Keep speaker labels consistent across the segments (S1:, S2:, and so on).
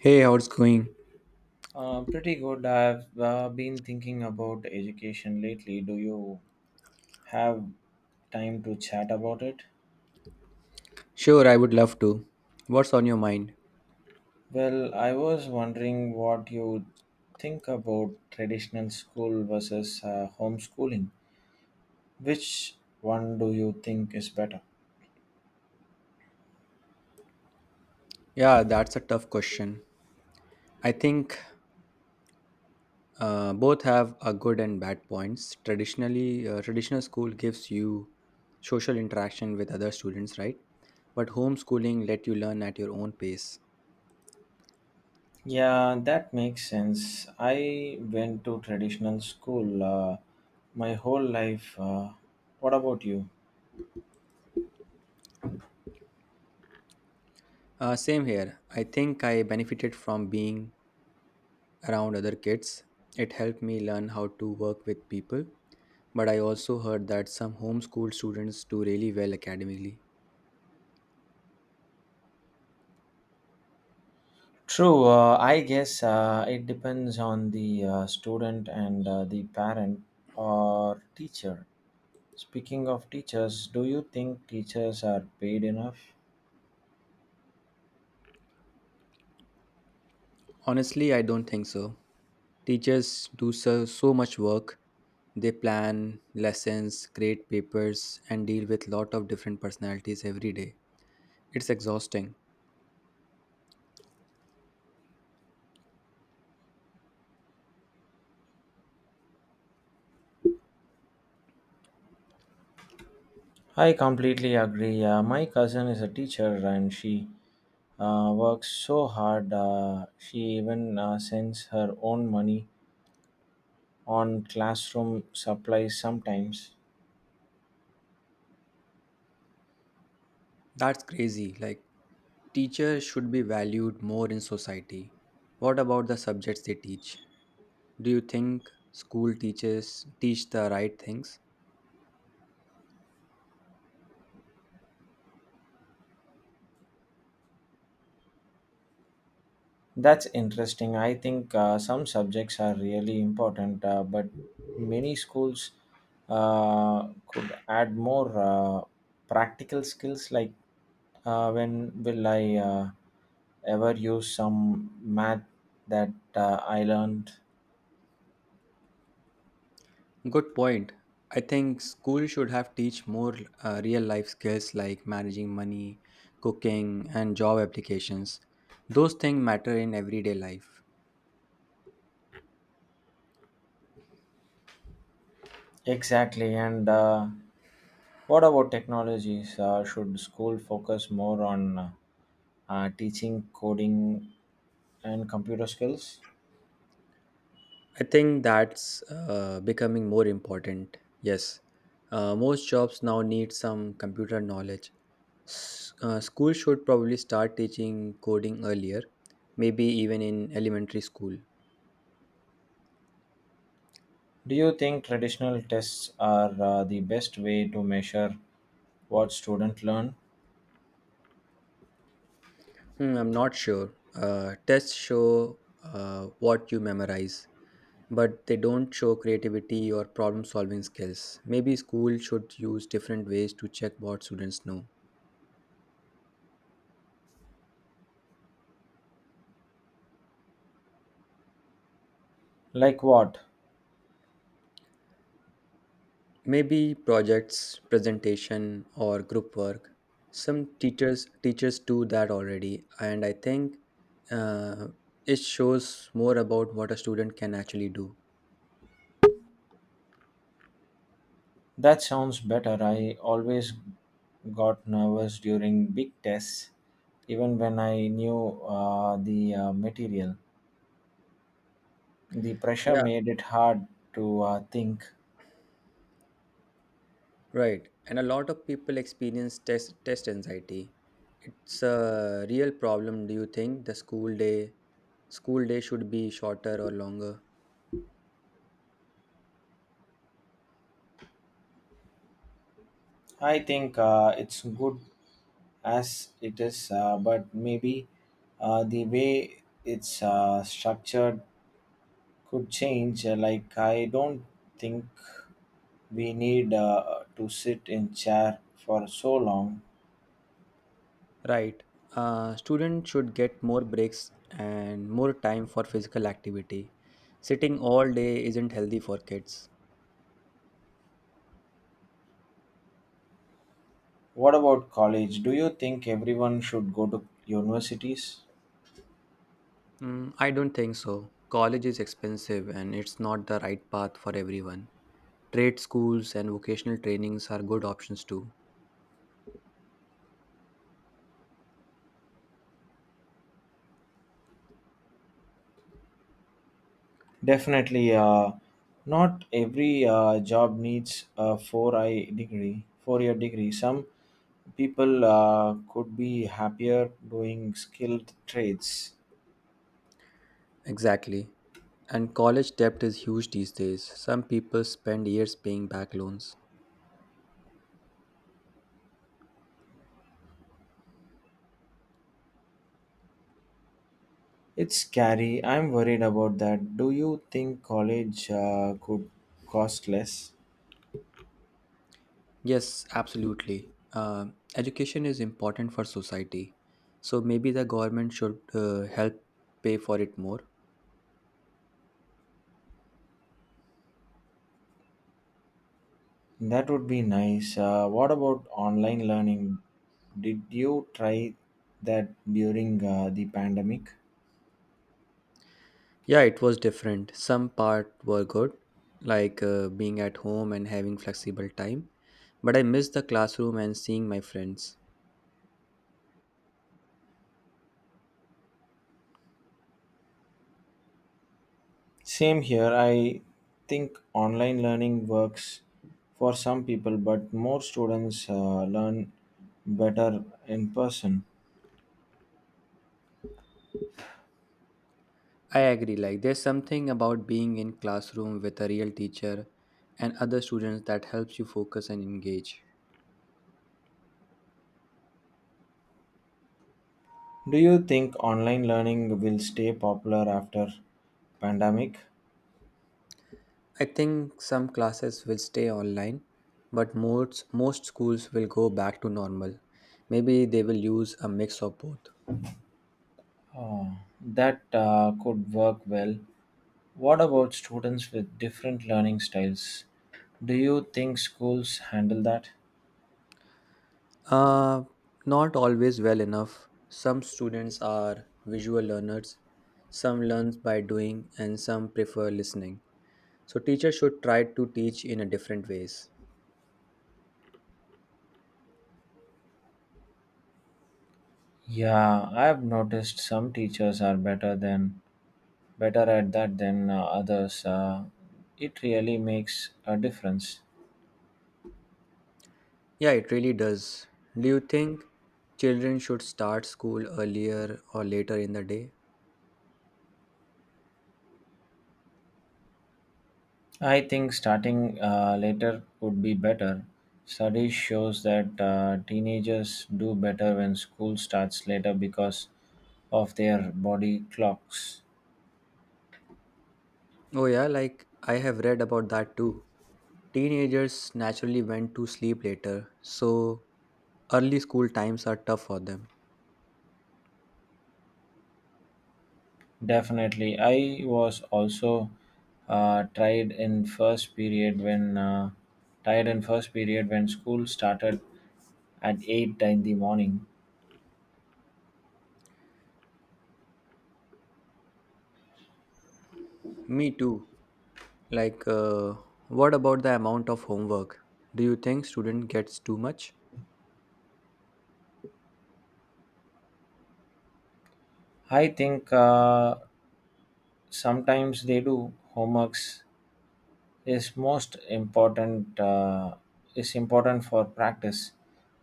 S1: Hey, how's it going?
S2: Pretty good. I've been thinking about education lately. Do you have time to chat about it?
S1: Sure, I would love to. What's on your mind?
S2: Well, I was wondering what you think about traditional school versus homeschooling. Which one do you think is better?
S1: Yeah, that's a tough question. I think both have a good and bad points. Traditionally, traditional school gives you social interaction with other students, right? But homeschooling let you learn at your own pace.
S2: Yeah, that makes sense. I went to traditional school my whole life. What about you?
S1: Same here. I think I benefited from being around other kids. It helped me learn how to work with people. But I also heard that some homeschool students do really well academically.
S2: True, I guess it depends on the student and the parent or teacher. Speaking of teachers, do you think teachers are paid enough?
S1: Honestly, I don't think so. Teachers do so, so much work. They plan lessons, create papers, and deal with lot of different personalities every day. It's exhausting.
S2: I completely agree. My cousin is a teacher and she works so hard. She even sends her own money on classroom supplies sometimes.
S1: That's crazy. Like, teachers should be valued more in society. What about the subjects they teach? Do you think school teachers teach the right things?
S2: That's interesting. I think some subjects are really important, but many schools could add more practical skills. Like, when will I ever use some math that I learned?
S1: Good point. I think school should have teach more real life skills like managing money, cooking, and job applications. Those things matter in everyday life.
S2: Exactly. And what about technologies? Should school focus more on teaching coding and computer skills?
S1: I think that's becoming more important. Yes, most jobs now need some computer knowledge. School should probably start teaching coding earlier, maybe even in elementary school.
S2: Do you think traditional tests are the best way to measure what students learn?
S1: Hmm, I'm not sure. Tests show what you memorize but they don't show creativity or problem solving skills. Maybe school should use different ways to check what students know.
S2: Like what?
S1: Maybe projects, presentation or group work. Some teachers do that already and I think uh, it shows more about what a student can actually do.
S2: That sounds better. I always got nervous during big tests, even when I knew the material. The pressure
S1: Yeah,
S2: made it hard to think.
S1: right. And a lot of people experience test anxiety. It's a real problem. Do you think the school day should be shorter or longer?
S2: I think it's good as it is, but maybe the way it's structured could change. Like, I don't think we need to sit in chair for so long.
S1: Right. Students should get more breaks and more time for physical activity. Sitting all day isn't healthy for kids.
S2: What about college? Do you think everyone should go to universities?
S1: Mm, I don't think so. College is expensive and it's not the right path for everyone. Trade schools and vocational trainings are good options too.
S2: Definitely, not every job needs a four-year degree. Some people could be happier doing skilled trades.
S1: Exactly. And college debt is huge these days. Some people spend years paying back loans.
S2: It's scary. I'm worried about that. Do you think college could cost less?
S1: Yes, absolutely. Um Education is important for society. So maybe the government should help pay for it more.
S2: That would be nice. What about online learning? Did you try that during the pandemic?
S1: Yeah, it was different. Some part were good, like being at home and having flexible time. But I miss the classroom and seeing my friends.
S2: Same here. I think online learning works for some people, but more students learn better in person.
S1: I agree. Like, there's something about being in classroom with a real teacher and other students that helps you focus and engage.
S2: Do you think online learning will stay popular after pandemic?
S1: I think some classes will stay online, but most schools will go back to normal. Maybe they will use a mix of both.
S2: Uh, that could work well. What about students with different learning styles? Do you think schools handle that?
S1: Uh, Not always well enough. Some students are visual learners, some learn by doing, and some prefer listening. So teachers should try to teach in a different ways.
S2: Yeah, I've noticed some teachers are better at that than others. It really makes a difference.
S1: Yeah, it really does. Do you think children should start school earlier or later in the day?
S2: I think starting later would be better. Studies shows that teenagers do better when school starts later because of their body clocks.
S1: Oh, yeah, like I have read about that too. Teenagers naturally went to sleep later, so early school times are tough for them.
S2: Definitely. I was also tried in first period when tired in first period when school started at 8 in the morning.
S1: Me too. Like, uh, what about the amount of homework? Do you think student gets too much?
S2: I think sometimes they do homeworks is most important is important for practice,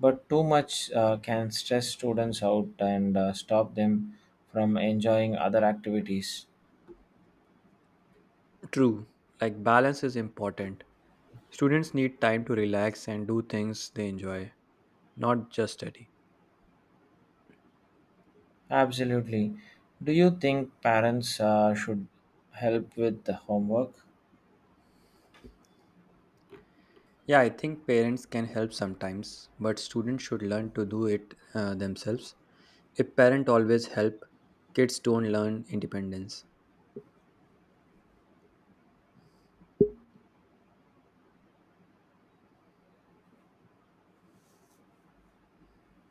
S2: but too much can stress students out and stop them from enjoying other activities.
S1: True. Like, balance is important. Students need time to relax and do things they enjoy, not just study.
S2: Absolutely. Do you think parents should help with the homework?
S1: Yeah, I think parents can help sometimes, but students should learn to do it themselves. If parents always help, kids don't learn independence.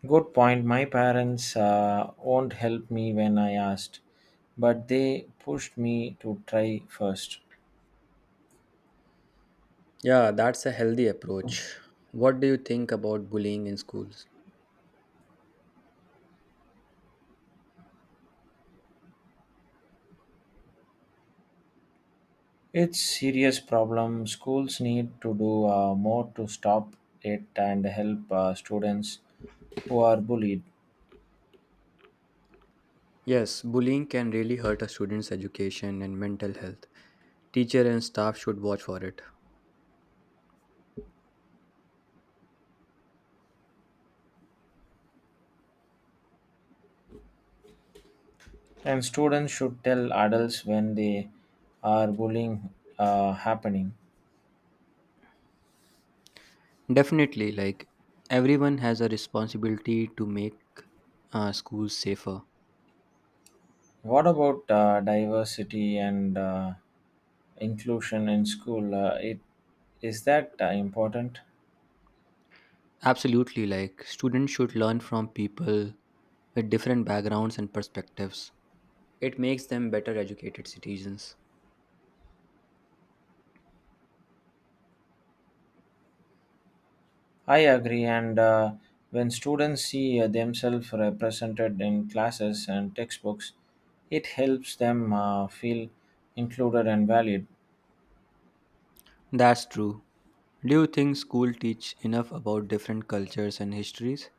S2: Good point. My parents won't help me when I asked, but they pushed me to try first.
S1: Yeah, that's a healthy approach. What do you think about bullying in schools?
S2: It's serious problem. Schools need to do more to stop it and help students who are bullied.
S1: Yes, bullying can really hurt a student's education and mental health. Teacher and staff should watch for it.
S2: And students should tell adults when they are bullying happening.
S1: Definitely, like, everyone has a responsibility to make schools safer.
S2: What about diversity and inclusion in school? It is that important?
S1: Absolutely, like, students should learn from people with different backgrounds and perspectives. It makes them better educated citizens.
S2: I agree. And when students see themselves represented in classes and textbooks, it helps them feel included and valued.
S1: That's true. Do you think school teach enough about different cultures and histories?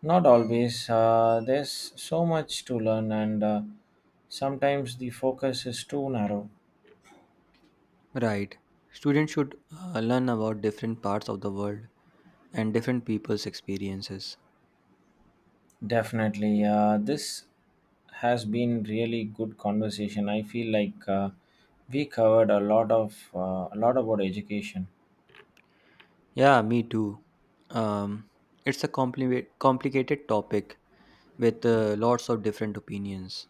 S2: Not always. There's so much to learn, and sometimes the focus is too narrow.
S1: Right. Students should learn about different parts of the world and different people's experiences.
S2: Definitely. This has been really good conversation. I feel like we covered a lot of a lot about education.
S1: Yeah, me too. Um, it's a complicated topic with lots of different opinions.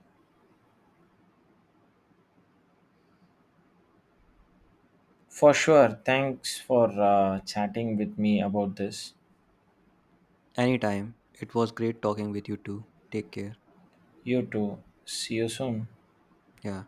S2: For sure. Thanks for chatting with me about this.
S1: Anytime. It was great talking with you too. Take care.
S2: You too. See you soon.
S1: Yeah.